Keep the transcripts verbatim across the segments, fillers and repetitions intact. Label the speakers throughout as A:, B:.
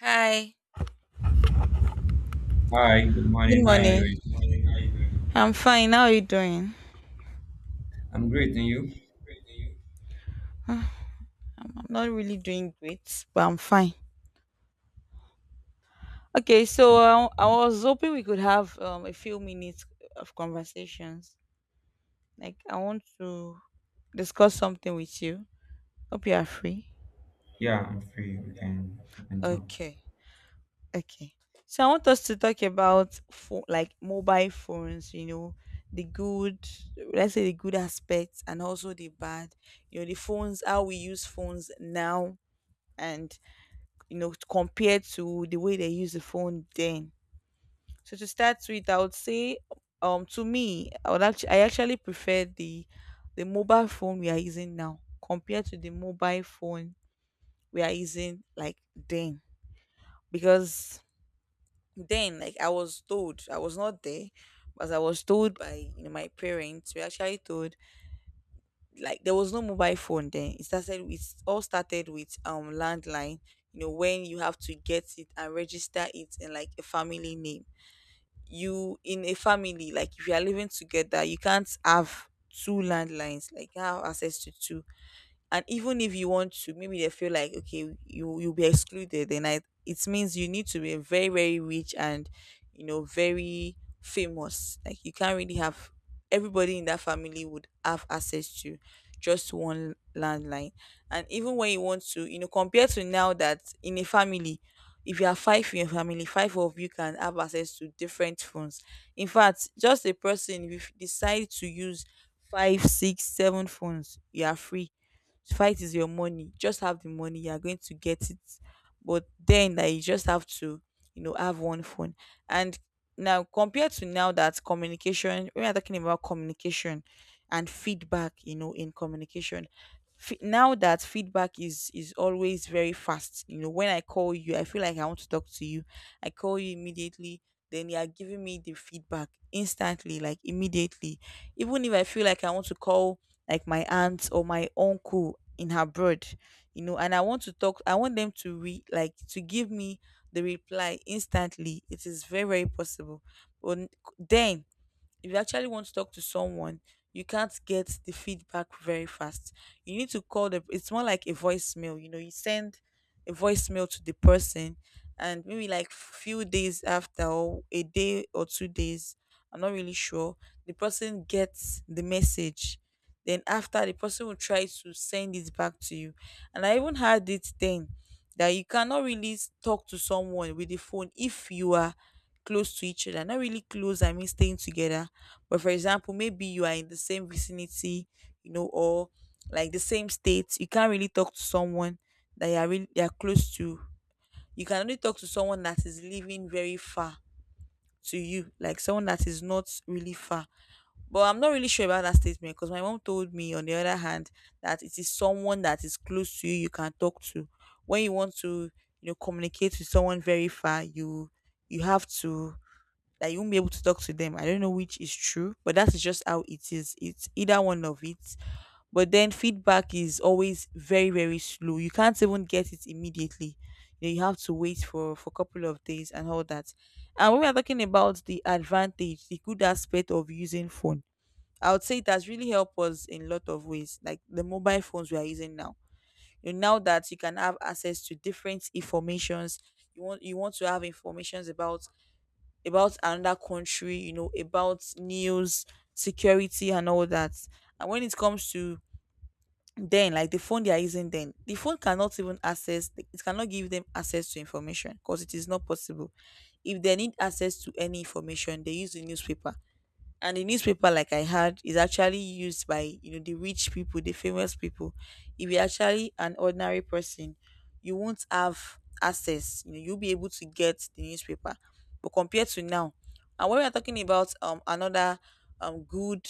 A: Hi.
B: Hi, good
A: Good Hi,
B: morning. How are you doing?
A: morning. Good morning. How you doing? I'm fine. How are you doing?
B: I'm great, and you?
A: Great, and you? I'm not really doing great, but I'm fine. Okay, so uh, I was hoping we could have um, a few minutes of conversations. Like, I want to discuss something with you. Hope you are free.
B: Yeah, I'm free. We can we can talk.
A: Okay, okay. So I want us to talk about phone, like mobile phones. You know, the good, let's say the good aspects, and also the bad. You know, the phones, how we use phones now and, you know, compared to the way they use the phone then. So to start with, I would say, um to me, i would actually i actually prefer the the mobile phone we are using now, compared to the mobile phone we are using, like, then. Because then, like, I was told, I was not there, but I was told by, you know, my parents. We actually told, like, there was no mobile phone then. It started with all started with um landline. You know, when you have to get it and register it in, like, a family name. You, in a family, like, if you are living together, you can't have two landlines, like you can't have access to two. And even if you want to, maybe they feel like, okay, you you'll be excluded. Then I, it means you need to be very, very rich, and, you know, very famous. Like, you can't really have everybody in that family would have access to just one landline. And even when you want to, you know, compared to now, that in a family, if you are five in your family, five of you can have access to different phones. In fact, just a person, if you decide to use five, six, seven phones, you are free. Fight is your money. Just have the money, you are going to get it. But then, that you just have to, you know, have one phone. And now, compared to now, that communication, we are talking about communication and feedback, you know, in communication. Fe- Now that feedback is is always very fast. You know, when I call you, I feel like I want to talk to you, I call you immediately, then you are giving me the feedback instantly, like, immediately. Even if I feel like I want to call, like, my aunt or my uncle in abroad, you know, and I want to talk, I want them to re like to give me the reply instantly, it is very, very possible. But then, if you actually want to talk to someone, you can't get the feedback very fast. You need to call the It's more like a voicemail. You know, you send a voicemail to the person, and maybe, like, few days after, or a day or two days, I'm not really sure, the person gets the message. Then after, the person will try to send it back to you. And I even had it then, that you cannot really s- talk to someone with the phone if you are close to each other. Not really close, I mean staying together. But for example, maybe you are in the same vicinity, you know, or, like, the same state. You can't really talk to someone that you are really you are close to. You can only talk to someone that is living very far to you, like someone that is not really far. But I'm not really sure about that statement, because my mom told me, on the other hand, that it is someone that is close to you you can talk to. When you want to, you know, communicate with someone very far, you you have to, that you won't be able to talk to them. I don't know which is true, but that's just how it is. It's either one of it. But then feedback is always very, very slow. You can't even get it immediately. You know, you have to wait for, for a couple of days and all that. And when we are talking about the advantage, the good aspect of using phone, I would say it has really helped us in a lot of ways, like the mobile phones we are using now. You know, now that you can have access to different informations, you want you want to have informations about about another country, you know, about news, security, and all that. And when it comes to then, like, the phone they are using, then the phone cannot even access, it cannot give them access to information because it is not possible. If they need access to any information, they use the newspaper. And the newspaper, like I had, is actually used by, you know, the rich people, the famous people. If you're actually an ordinary person, you won't have access, you know, you'll be able to get the newspaper. But compared to now. And when we're talking about um another um good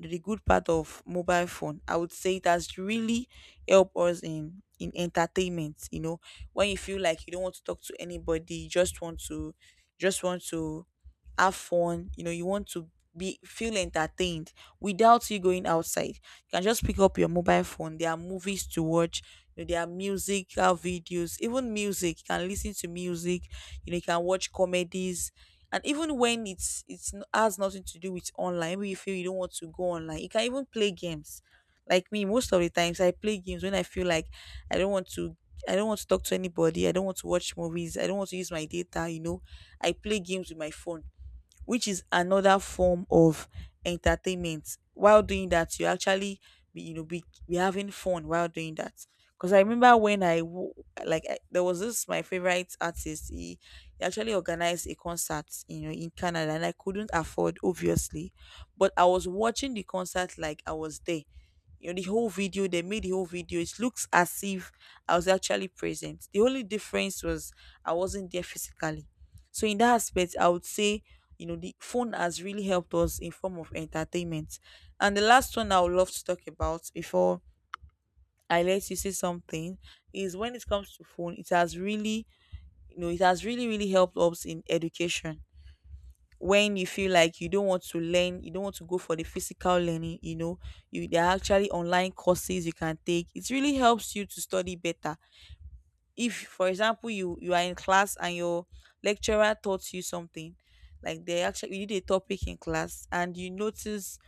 A: the good part of mobile phone, I would say it has really helped us in in entertainment. You know, when you feel like you don't want to talk to anybody, you just want to just want to have fun. You know, you want to be feel entertained without you going outside. You can just pick up your mobile phone. There are movies to watch, you know, there are musical videos, even music. You can listen to music, you know, you can watch comedies. And even when it's it's n- has nothing to do with online, maybe you feel you don't want to go online, you can even play games. Like me, most of the times I play games when I feel like I don't want to I don't want to talk to anybody. I don't want to watch movies. I don't want to use my data, you know. I play games with my phone, which is another form of entertainment. While doing that, you actually be you know be, be having fun while doing that. Because I remember when I w- like I, there was this my favorite artist. He, he actually organized a concert, you know, in Canada, and I couldn't afford, obviously, but I was watching the concert like I was there. You know, the whole video, they made the whole video, it looks as if I was actually present. The only difference was I wasn't there physically. So in that aspect, I would say, you know, the phone has really helped us in form of entertainment. And the last one I would love to talk about before I let you say something is, when it comes to phone, it has really, you know, it has really, really helped us in education. When you feel like you don't want to learn, you don't want to go for the physical learning, you know, you there are actually online courses you can take. It really helps you to study better. If, for example, you you are in class and your lecturer taught you something, like, they actually you did a topic in class and you notice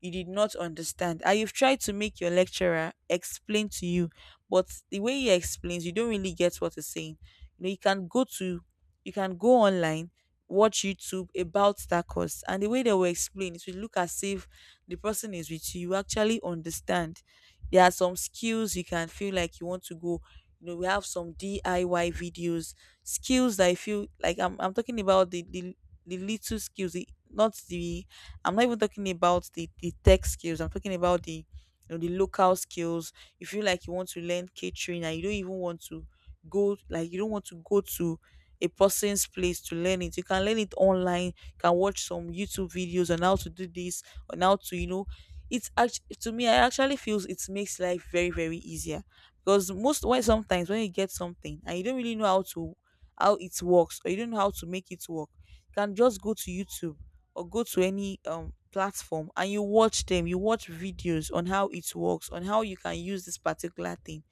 A: you did not understand, and you've tried to make your lecturer explain to you, but the way he explains, you don't really get what he's saying. You know, you can go to you can go online, watch YouTube about that course, and the way they will explain it will look as if the person is with you, you actually understand. There are some skills you can feel like you want to go, you know, we have some D I Y videos, skills that I feel like, i'm, I'm talking about the, the the little skills. The, not the I'm not even talking about the the tech skills. I'm talking about the, you know, the local skills. You feel like you want to learn catering, and you don't even want to go like you don't want to go to a person's place to learn it. You can learn it online. You can watch some YouTube videos on how to do this, on how to, you know. It's actually, to me, I actually feels it makes life very, very easier. Because most, when sometimes when you get something and you don't really know how to how it works, or you don't know how to make it work, you can just go to YouTube, or go to any um platform, and you watch them, you watch videos on how it works, on how you can use this particular thing.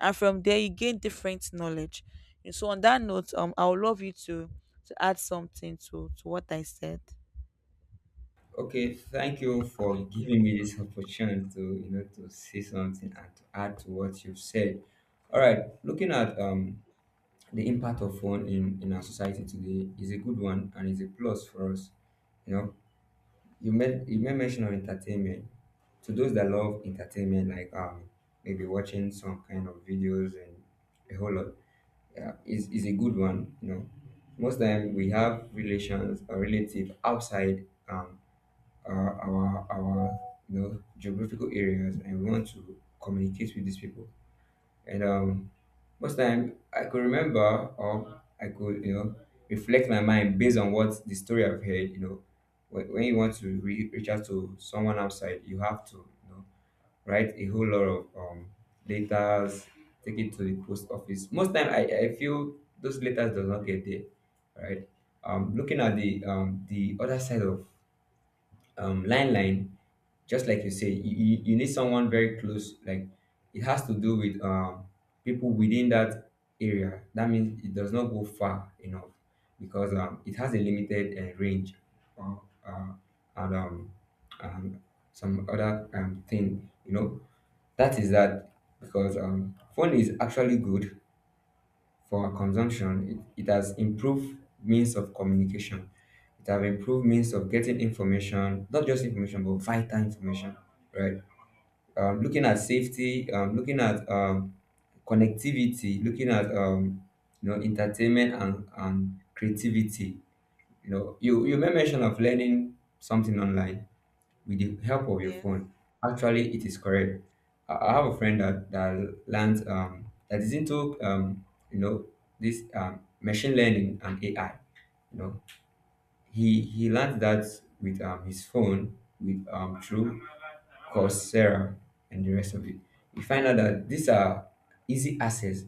A: And from there you gain different knowledge. And so, on that note, um I would love you to to add something to to what I said.
B: Okay, thank you for giving me this opportunity to you know to say something and to add to what you've said. All right, looking at um the impact of phone in in our society today is a good one and is a plus for us. You know, you made you made mention of entertainment. To those that love entertainment, like um maybe watching some kind of videos and a whole lot. Yeah, is, is a good one. You know, most time we have relations or relative outside, um, our, our our you know geographical areas, and we want to communicate with these people. And um, most time I could remember, or I could you know reflect my mind based on what the story I've heard. You know, when, when you want to re- reach out to someone outside, you have to you know write a whole lot of um, letters, take it to the post office. Most time, I, I feel those letters does not get there, right? Um, looking at the um, the other side of um, line line, just like you say, you, you, you need someone very close. Like it has to do with um, people within that area. That means it does not go far enough because um, it has a limited uh, range, uh, uh, and um, um, some other um, thing, you know that is that because um, phone is actually good for our consumption. It, it has improved means of communication. It have improved means of getting information, not just information, but vital information, right? Um, looking at safety, um, looking at um, connectivity, looking at um, you know entertainment and, and creativity. You know, you you may mention of learning something online with the help of your
A: Yes.
B: phone. Actually, it is correct. I, I have a friend that that learns, um that is into um you know this um machine learning and A I. You know, he he learned that with um his phone, with um through Coursera and the rest of it. You find out that these are easy access.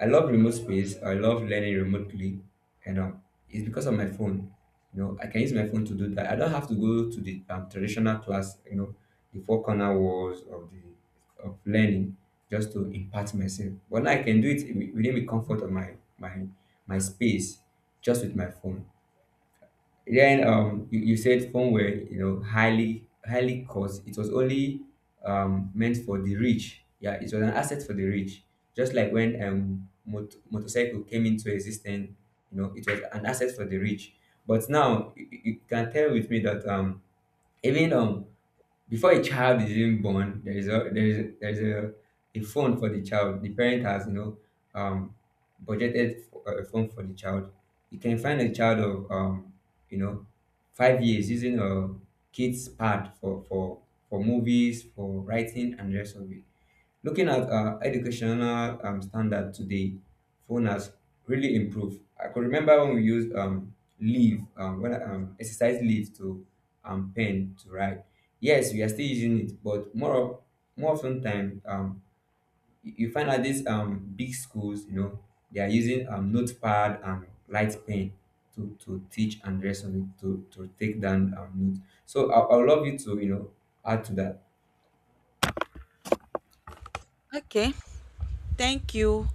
B: I love remote space. I love learning remotely, and um, it's because of my phone. You know, I can use my phone to do that. I don't have to go to the um, traditional class. You know, the four corner walls of the of learning just to impart myself. But now I can do it wi- within the comfort of my my my space, just with my phone. Then um, you, you said phone were you know highly highly cost. It was only um, meant for the rich. Yeah, it was an asset for the rich. Just like when um, mot- motorcycle came into existence, you know, it was an asset for the rich. But now you, you you can tell with me that um, even um, before a child is even born, there is a there is a, there is a, a phone for the child. The parent has you know um, budgeted for uh, a phone for the child. You can find a child of um, you know five years using a kid's pad for for for movies, for writing, and the rest of it. Looking at uh, educational um, standard today, phone has really improved. I could remember when we used um, leave, um, when I, um, exercise leave to um, pen to write. Yes, we are still using it, but more of, more often time, um, you you find out these um, big schools, you know, they are using um, notepad and light pen to, to teach and the rest of it to, to take down um, notes. So I, I would love you to, you know, add to that.
A: Okay, thank you.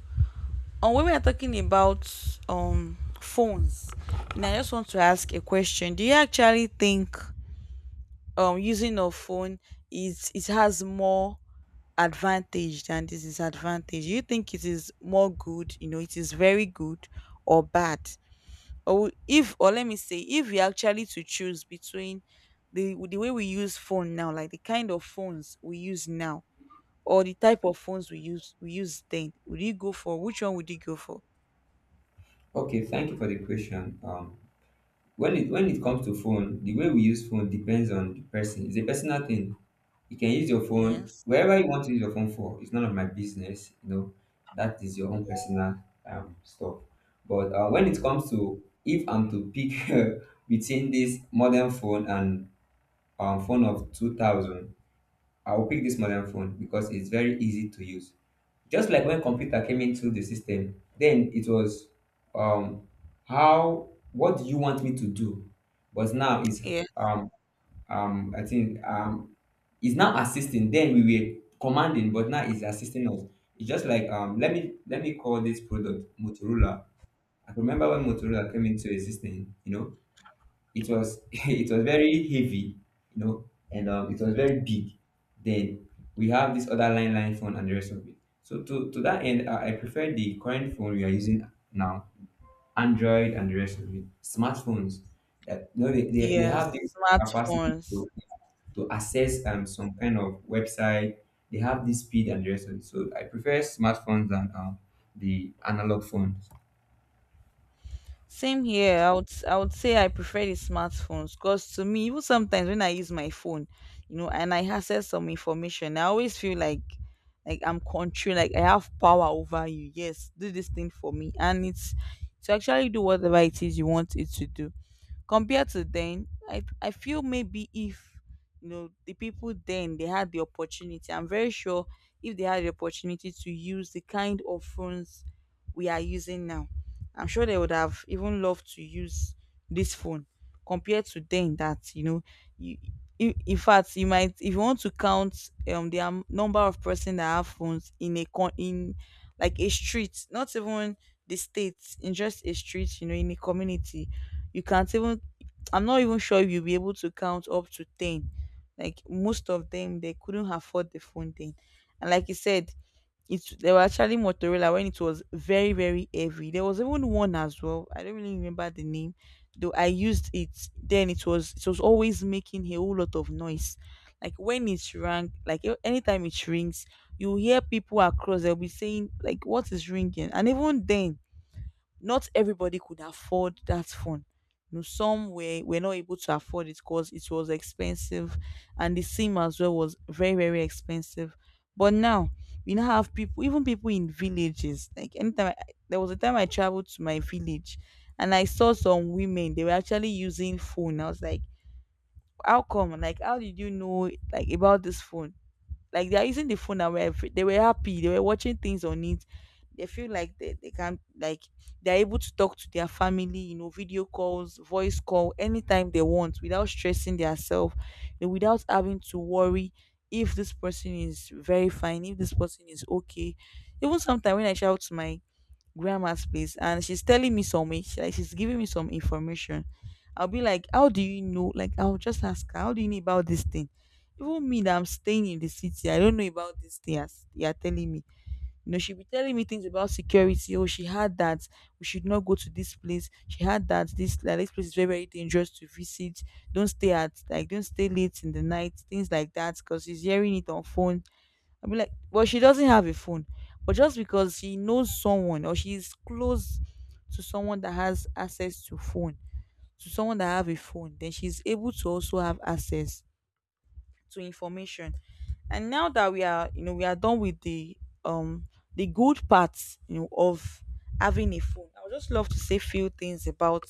A: Um, when we are talking about um phones, and I just want to ask a question. Do you actually think um using a phone is it has more advantage than disadvantage? Do you think it is more good, you know, it is very good or bad? Or if or let me say, if we actually to choose between the the way we use phone now, like the kind of phones we use now, or the type of phones we use we use then, would you go for which one would you go for?
B: Okay, thank you for the question. Um, When it when it comes to phone, the way we use phone depends on the person. It's a personal thing. You can use your phone
A: Yes.
B: wherever you want to use your phone for. It's none of my business. You know, that is your own personal um, stuff. But uh, when it comes to, if I'm to pick uh, between this modern phone and um, phone of two thousand, I will pick this modern phone because it's very easy to use. Just like when computer came into the system, then it was, um how, what do you want me to do? But now is,
A: Yes,
B: um um I think um it's now assisting. Then we were commanding, but now it's assisting us. It's just like, um let me let me call this product Motorola. I remember when Motorola came into existence, you know, it was it was very heavy, you know, and um, it was very big. Then we have this other line line phone and the rest of it. So to, to that end, I, I prefer the current phone we are using now, Android and the rest of it, smartphones that you know they, they, they have
A: yes,
B: this capacity
A: Smartphones.
B: to, to access um, some kind of website. They have this speed and the rest of it. So I prefer smartphones than um, the analog phones.
A: Same here. I would I would say I prefer the smartphones because to me, even sometimes when I use my phone, you know, and I access some information, I always feel like like I'm control, like I have power over you. Yes, do this thing for me, and it's to actually do whatever it is you want it to do. Compared to then, i i feel maybe if you know the people then they had the opportunity, I'm very sure if they had the opportunity to use the kind of phones we are using now, I'm sure they would have even loved to use this phone compared to then that you know you, in in fact, you might, if you want to count um the am- number of person that have phones in a con in like a street, not even the states, in just a street, you know, in a community, you can't even, I'm not even sure if you'll be able to count up to ten. Like most of them, they couldn't afford the phone then. And like you said, it's they were actually Motorola when it was very, very heavy. There was even one as well, I don't really remember the name, though I used it. Then it was it was always making a whole lot of noise, like when it rang, like a- anytime it rings, you hear people across, they'll be saying like what is ringing. And even then, not everybody could afford that phone. You know, some were, were not able to afford it because it was expensive, and the SIM as well was very, very expensive. But now we now have people, even people in villages. Like anytime I, there was a time I traveled to my village and I saw some women, they were actually using phone. I was like, how come? Like, how did you know like about this phone? Like they are using the phone and were they were happy. They were watching things on it. They feel like they, they can like they're able to talk to their family, you know, video calls, voice call, anytime they want without stressing themselves, you know, without having to worry if this person is very fine, if this person is okay. Even sometimes when I shout to my grandma's place and she's telling me some in- she- like she's giving me some information, I'll be like, how do you know? Like, I'll just ask her, how do you know about this thing? Even me that I'm staying in the city, I don't know about this thing as you're telling me. You know, she'll be telling me things about security. Oh, she had that. We should not go to this place. She had that. This like this place is very, very dangerous to visit. Don't stay at like don't stay late in the night. Things like that. Because she's hearing it on phone. I mean, like, well, she doesn't have a phone, but just because she knows someone or she's close to someone that has access to phone, to someone that have a phone, then she's able to also have access to information. And now that we are, you know, we are done with the um the good parts, you know, of having a phone, I would just love to say few things about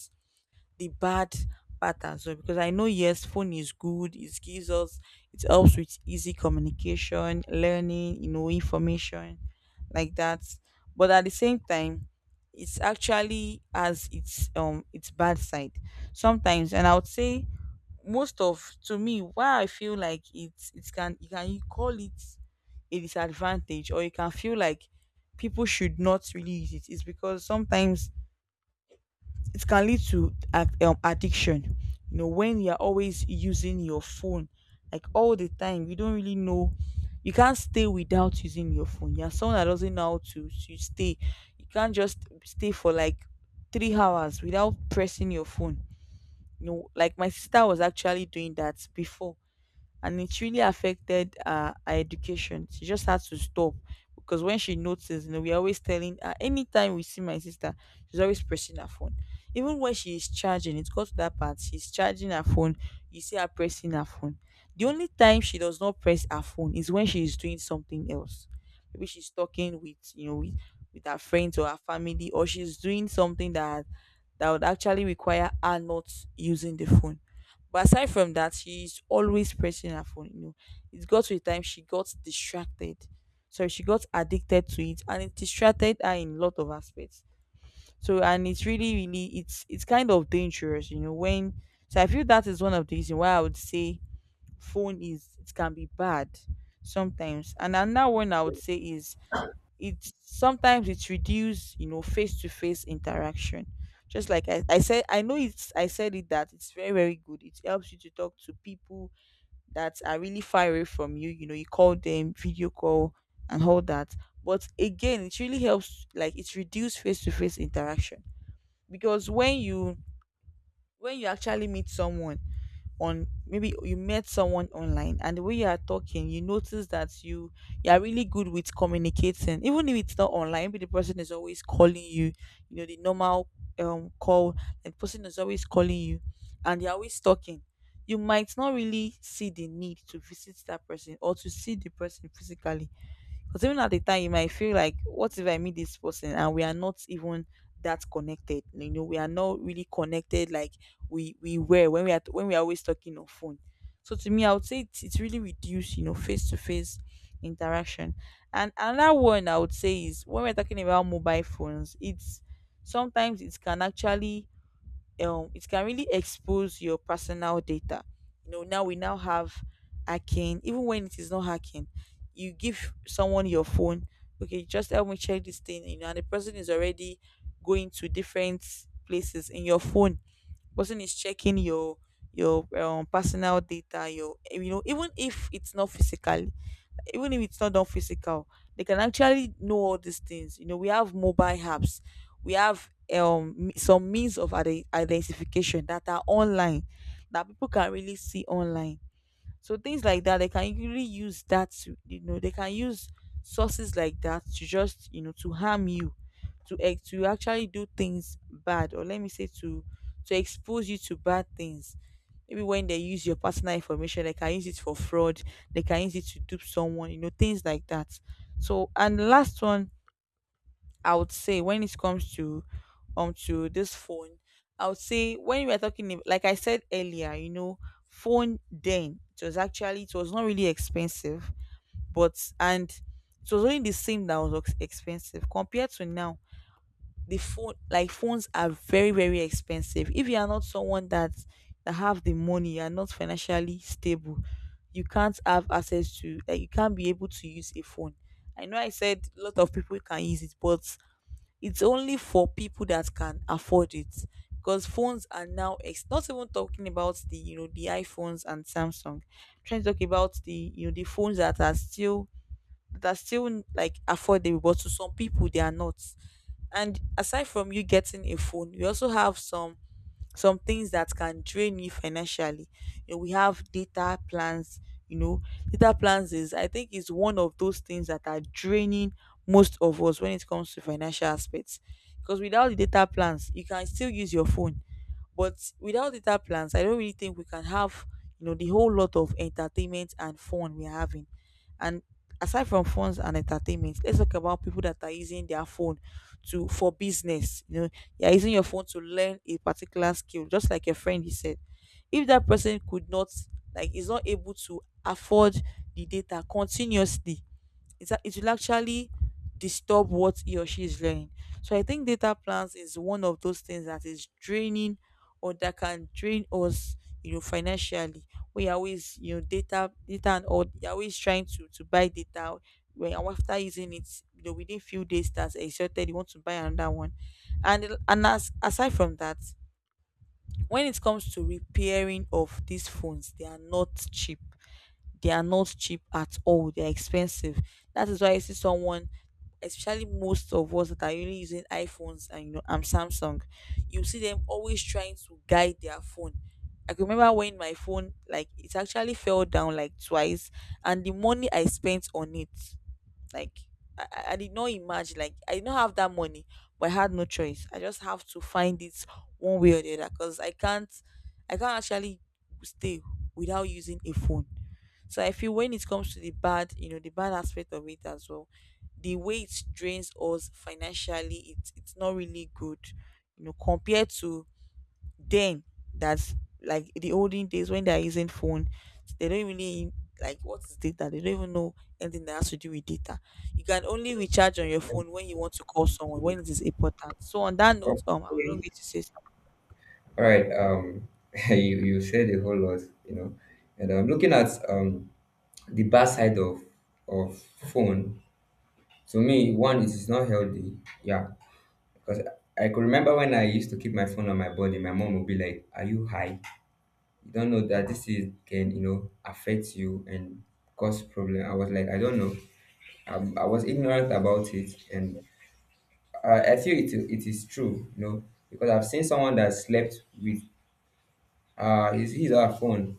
A: the bad part as well, because I know yes, phone is good. It gives us, it helps with easy communication, learning, you know, information like that. But at the same time, it's actually has its um its bad side sometimes, and I would say most of, to me, why I feel like it's it can, you can call it a disadvantage, or you can feel like people should not really use it, is because sometimes it can lead to ac- um, addiction. You know, when you're always using your phone, like all the time, you don't really know. You can't stay without using your phone. You're someone that doesn't know how to, to stay. You can't just stay for like three hours without pressing your phone. You know, like my sister was actually doing that before and it really affected uh, her education. She just had to stop because when she noticed, you know, we're always telling her, anytime we see my sister, she's always pressing her phone. Even when she is charging, it got to that part, she's charging her phone, you see her pressing her phone. The only time she does not press her phone is when she is doing something else. Maybe she's talking with, you know, with, with her friends or her family, or she's doing something that that would actually require her not using the phone. But aside from that, she's always pressing her phone. You know, it got to a time she got distracted. So she got addicted to it, and it distracted her in a lot of aspects. So and it's really, really, it's it's kind of dangerous, you know. When so I feel that is one of the reasons why I would say phone is, it can be bad sometimes. And another one I would say is it sometimes it reduce, you know, face to face interaction. Just like I, I said, I know it's, I said it that it's very, very good, it helps you to talk to people that are really far away from you, you know, you call them, video call and all that. But again, it really helps, like it's reduce face to face interaction, because when you, when you actually meet someone on, maybe you met someone online, and the way you are talking, you notice that you you are really good with communicating, even if it's not online, but the person is always calling you, you know, the normal um call, and the person is always calling you and they're always talking, you might not really see the need to visit that person or to see the person physically. Because even at the time, you might feel like, what if I meet this person and we are not even that connected? You know, we are not really connected like we we were when we are, when we are always talking on phone. So to me, I would say it's, it's really reduced, you know, face to face interaction. And another one I would say is, when we're talking about mobile phones, it's sometimes it can actually um it can really expose your personal data. You know, now we now have hacking. Even when it is not hacking, you give someone your phone, okay, just help me check this thing, you know, and the person is already going to different places in your phone. Person is checking your your um, personal data, your, you know, even if it's not physically, even if it's not done physical, they can actually know all these things. You know, we have mobile apps, we have um m- some means of ide- identification that are online, that people can really see online. So things like that, they can really use that to, you know, they can use sources like that to just, you know, to harm you, to ex- to actually do things bad, or let me say to to expose you to bad things. Maybe when they use your personal information, they can use it for fraud, they can use it to dupe someone, you know, things like that. So and the last one I would say when it comes to um to this phone, I would say when we are talking ab- like I said earlier, you know, phone then it was actually, it was not really expensive, but and it was only the same that was ex- expensive compared to now. The phone, like phones are very, very expensive. If you are not someone that that have the money, you are not financially stable, you can't have access to, like you can't be able to use a phone. I know I said a lot of people can use it, but it's only for people that can afford it, because phones are now ex- not even talking about the, you know, the iPhones and Samsung. I'm trying to talk about the, you know, the phones that are still that are still like affordable, but to some people they are not. And aside from you getting a phone, we also have some some things that can drain you financially. You know, we have data plans. You know, data plans is I think is one of those things that are draining most of us when it comes to financial aspects. Because without the data plans, you can still use your phone, but without data plans, I don't really think we can have you know the whole lot of entertainment and fun we're having, and aside from phones and entertainment, let's talk about people that are using their phone to, for business. You know, you're using your phone to learn a particular skill, just like your friend he said. If that person could not, like is not able to afford the data continuously, it's a- it will actually disturb what he or she is learning. So I think data plans is one of those things that is draining or that can drain us, you know, financially. We are always, you know, data data and all, you're always trying to to buy data, when after using it, you know, within few days that's exhausted, you want to buy another one. And and as, aside from that, when it comes to repairing of these phones, they are not cheap, they are not cheap at all, they are expensive. That is why you see someone, especially most of us that are only using iPhones and, you know, and Samsung, you see them always trying to guide their phone. I can remember when my phone, like it actually fell down like twice, and the money I spent on it, like I, I I did not imagine. Like I did not have that money, but I had no choice. I just have to find it one way or the other because I can't. I can't actually stay without using a phone. So I feel when it comes to the bad, you know, the bad aspect of it as well, the way it drains us financially, it's it's not really good, you know, compared to then, that's like the olden days when they're using phone, they don't really, like what is data they don't even know, anything that has to do with data. You can only recharge on your phone when you want to call someone when it is important. So on that note, um I would love
B: Okay.
A: you to say something.
B: All right. Um, you you said a whole lot, you know, and I'm looking at um the bad side of of phone. To me, one is it's not healthy. Yeah, because I I could remember when I used to keep my phone on my body, my mom would be like, "Are you high? You don't know that this is, can you know affect you and cause problem." I was like, I don't know. I, I was ignorant about it, and I, I feel it it is true, you know, because I've seen someone that slept with uh his his or her phone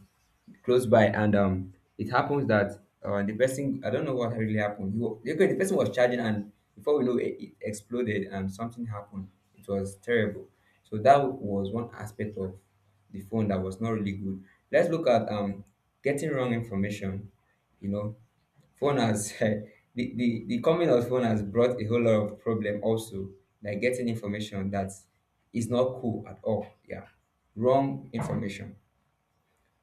B: close by, and um it happens that, uh, the person, I don't know what really happened. he, wa- okay, the person was charging, and before we know it, it exploded and something happened. It was terrible. So that was one aspect of the phone that was not really good. Let's look at, um getting wrong information. You know, phone has the, the the coming of phone has brought a whole lot of problem also, like getting information that is not cool at all. Yeah, wrong information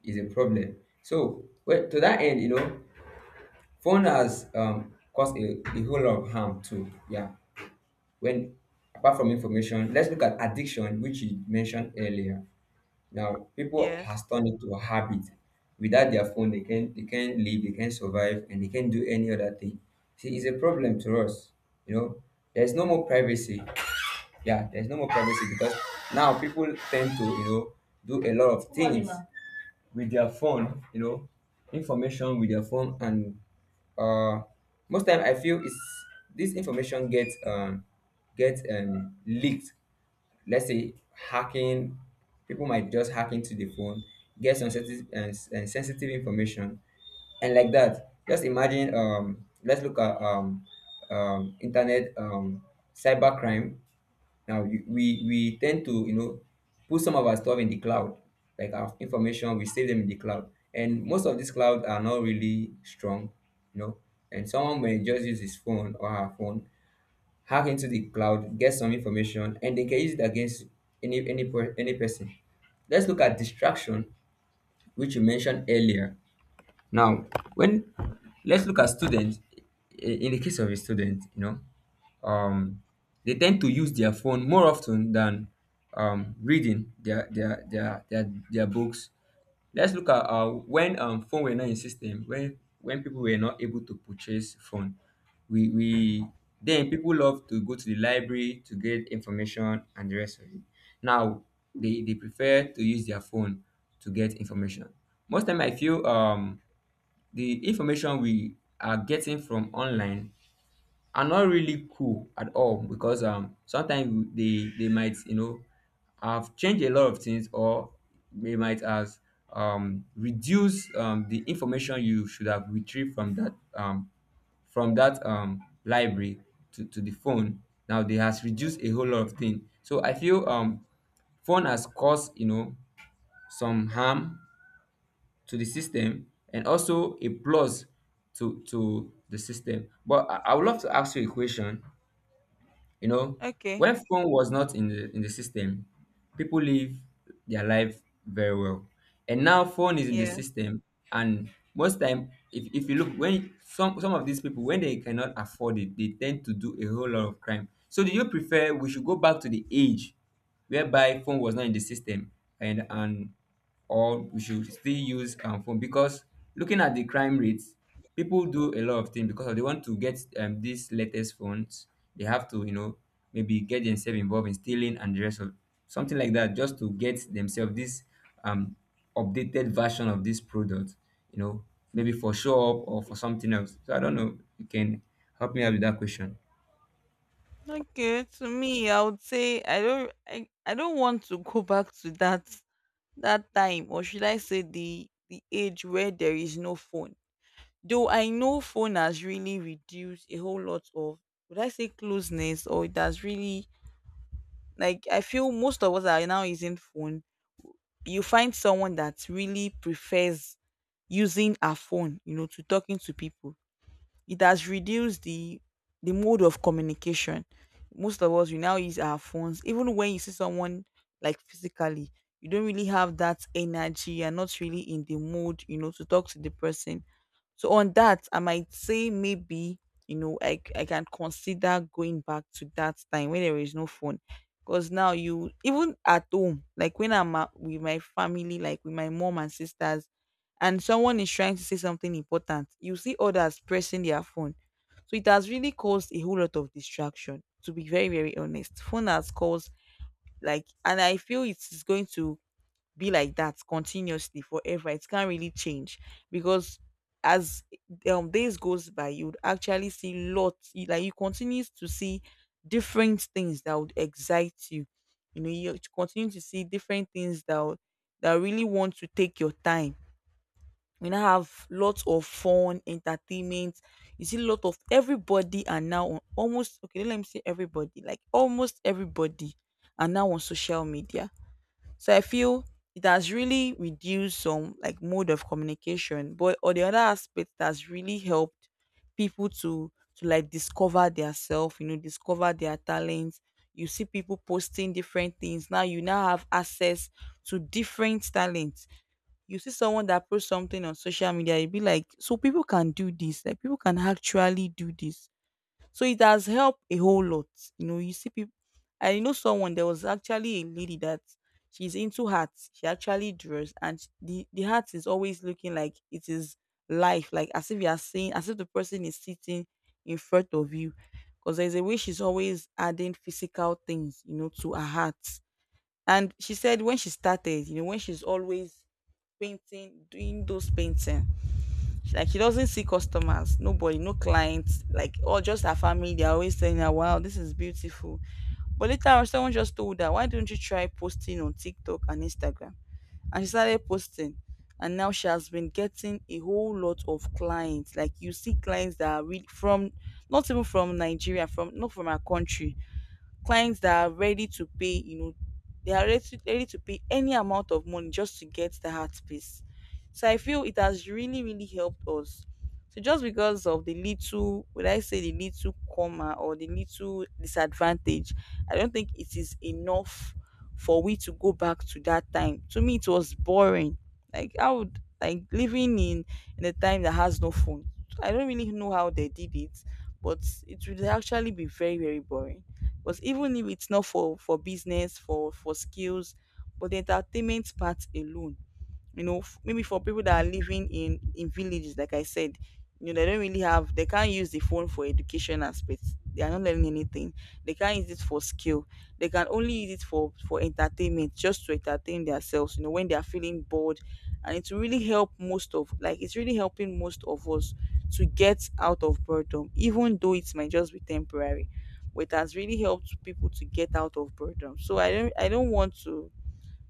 B: is a problem. So, well, to that end, you know, phone has um, caused a, a whole lot of harm too. Yeah. When apart from information, let's look at addiction, which you mentioned earlier. Now, people
A: Yes.
B: has turned it to a habit. Without their phone, they can they can't live, they can't survive, and they can't do any other thing. See, it's a problem to us. You know, there's no more privacy. Yeah, there's no more privacy because now people tend to you know do a lot of things with their phone, you know, information with their phone, and uh, most time I feel it's, this information gets um gets um leaked. Let's say hacking, people might just hack into the phone, get some sensitive and, and sensitive information, and like that. Just imagine. Um, let's look at um, um, internet um, cybercrime. Now you, we we tend to you know put some of our stuff in the cloud, like our information, we save them in the cloud, and most of these clouds are not really strong, you know. And someone may just use his phone or her phone, hack into the cloud, get some information, and they can use it against any any per, any person. Let's look at distraction, which you mentioned earlier. Now, when let's look at students. i- In the case of a student, you know, um, they tend to use their phone more often than um, reading their their, their their their books. Let's look at uh, when um, phone were not in system, when when people were not able to purchase phone, we we then people love to go to the library to get information and the rest of it. Now they, they prefer to use their phone to get information. Most time I feel um, the information we are getting from online are not really cool at all because um sometimes they they might you know have changed a lot of things, or they might have um reduced um the information you should have retrieved from that, um from that um library, to, to the phone. Now they has reduced a whole lot of things. So I feel um phone has caused, you know some harm to the system and also a plus to to the system. But i, I would love to ask you a question you know,
A: Okay.
B: when phone was not in the in the system, people live their life very well. And now phone is in the
A: Yes.
B: system, and most time, if, if you look, when some some of these people, when they cannot afford it, they tend to do a whole lot of crime. So do you prefer we should go back to the age whereby phone was not in the system, and and or we should still use, um, phone? Because looking at the crime rates, people do a lot of things because they want to get, um, these latest phones. They have to, you know maybe get themselves involved in stealing and the rest of something like that, just to get themselves this, um, updated version of this product, you know maybe for show up or for something else. So I don't know, you can help me out with that question.
A: Okay. To me, I would say I don't I, I don't want to go back to that, that time, or should I say the the age where there is no phone. Though I know phone has really reduced a whole lot of, would I say closeness, or it has really, like I feel most of us are now using phone. You find someone that really prefers using a phone, you know, to talking to people. It has reduced the the mode of communication. Most of us we now use our phones. Even when you see someone, like physically, you don't really have that energy. You're not really in the mood, you know, to talk to the person. So on that, I might say maybe, you know, I c- I can consider going back to that time when there is no phone, because now you, even at home, like when I'm at, with my family, like with my mom and sisters, and someone is trying to say something important, you see others pressing their phone, so it has really caused a whole lot of distraction. To be very very honest, phone has caused, like, and I feel it is going to be like that continuously forever. It can't really change because, as um days goes by, you'd actually see lots you- like you continue to see different things that would excite you. You know, you continue to see different things that would, that really want to take your time. We now have lots of fun, entertainment. You see a lot of, everybody are now on almost, okay, let me say everybody, like almost everybody are now on social media, so I feel it has really reduced some, like mode of communication, but on the other aspect, it has really helped people to to like discover their self, you know, discover their talents. You see people posting different things. Now you now have access to different talents. You see someone that posts something on social media, you'd be like, so people can do this, like people can actually do this. So it has helped a whole lot. You know, you see people. I know someone. There was actually a lady that she's into hats. She actually draws, and sh- the the hat is always looking like it is life, like as if you are seeing, as if the person is sitting in front of you. Because there's a way she's always adding physical things, you know, to her hat. And she said when she started, you know, when she's always painting, doing those paintings, she- like she doesn't see customers, nobody, no clients, like, or just her family. They're always saying, her, "Wow, this is beautiful." But later on, someone just told her, "Why don't you try posting on TikTok and Instagram?" And she started posting, and now she has been getting a whole lot of clients. Like you see clients that are really from, not even from Nigeria, from, not from her country, clients that are ready to pay, you know, they are ready to, ready to pay any amount of money just to get the heart space. So I feel it has really, really helped us. So just because of the little, would I say the little comma or the little disadvantage, I don't think it is enough for we to go back to that time. To me, it was boring. Like I would like living in in a time that has no phone. I don't really know how they did it, but it would actually be very, very boring. But even if it's not for for business, for for skills, but the entertainment part alone, you know, f- maybe for people that are living in in villages, like I said, you know, they don't really have, they can't use the phone for education aspects, they are not learning anything, they can't use it for skill, they can only use it for for entertainment, just to entertain themselves, you know, when they are feeling bored, and it's really help most of, like it's really helping most of us to get out of boredom, even though it might just be temporary, but it has really helped people to get out of boredom. So i don't i don't want to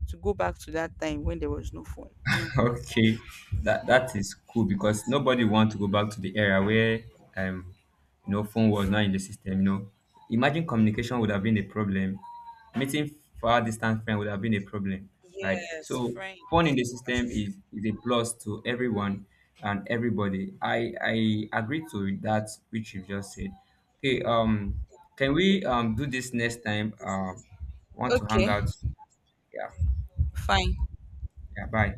A: to go back to that time when there was no phone, no.
B: Okay, that that is cool, because nobody want to go back to the era where um you know phone was not in the system. You know, imagine communication would have been a problem, meeting far distant friend would have been a problem, right?
A: Yes,
B: So phone in
A: friends.
B: the system is is a plus to everyone and everybody. I I agree to that which you just said. Okay, um, can we um do this next time? Um, want to hang
A: Okay,
B: out? Yeah,
A: fine.
B: yeah. Bye.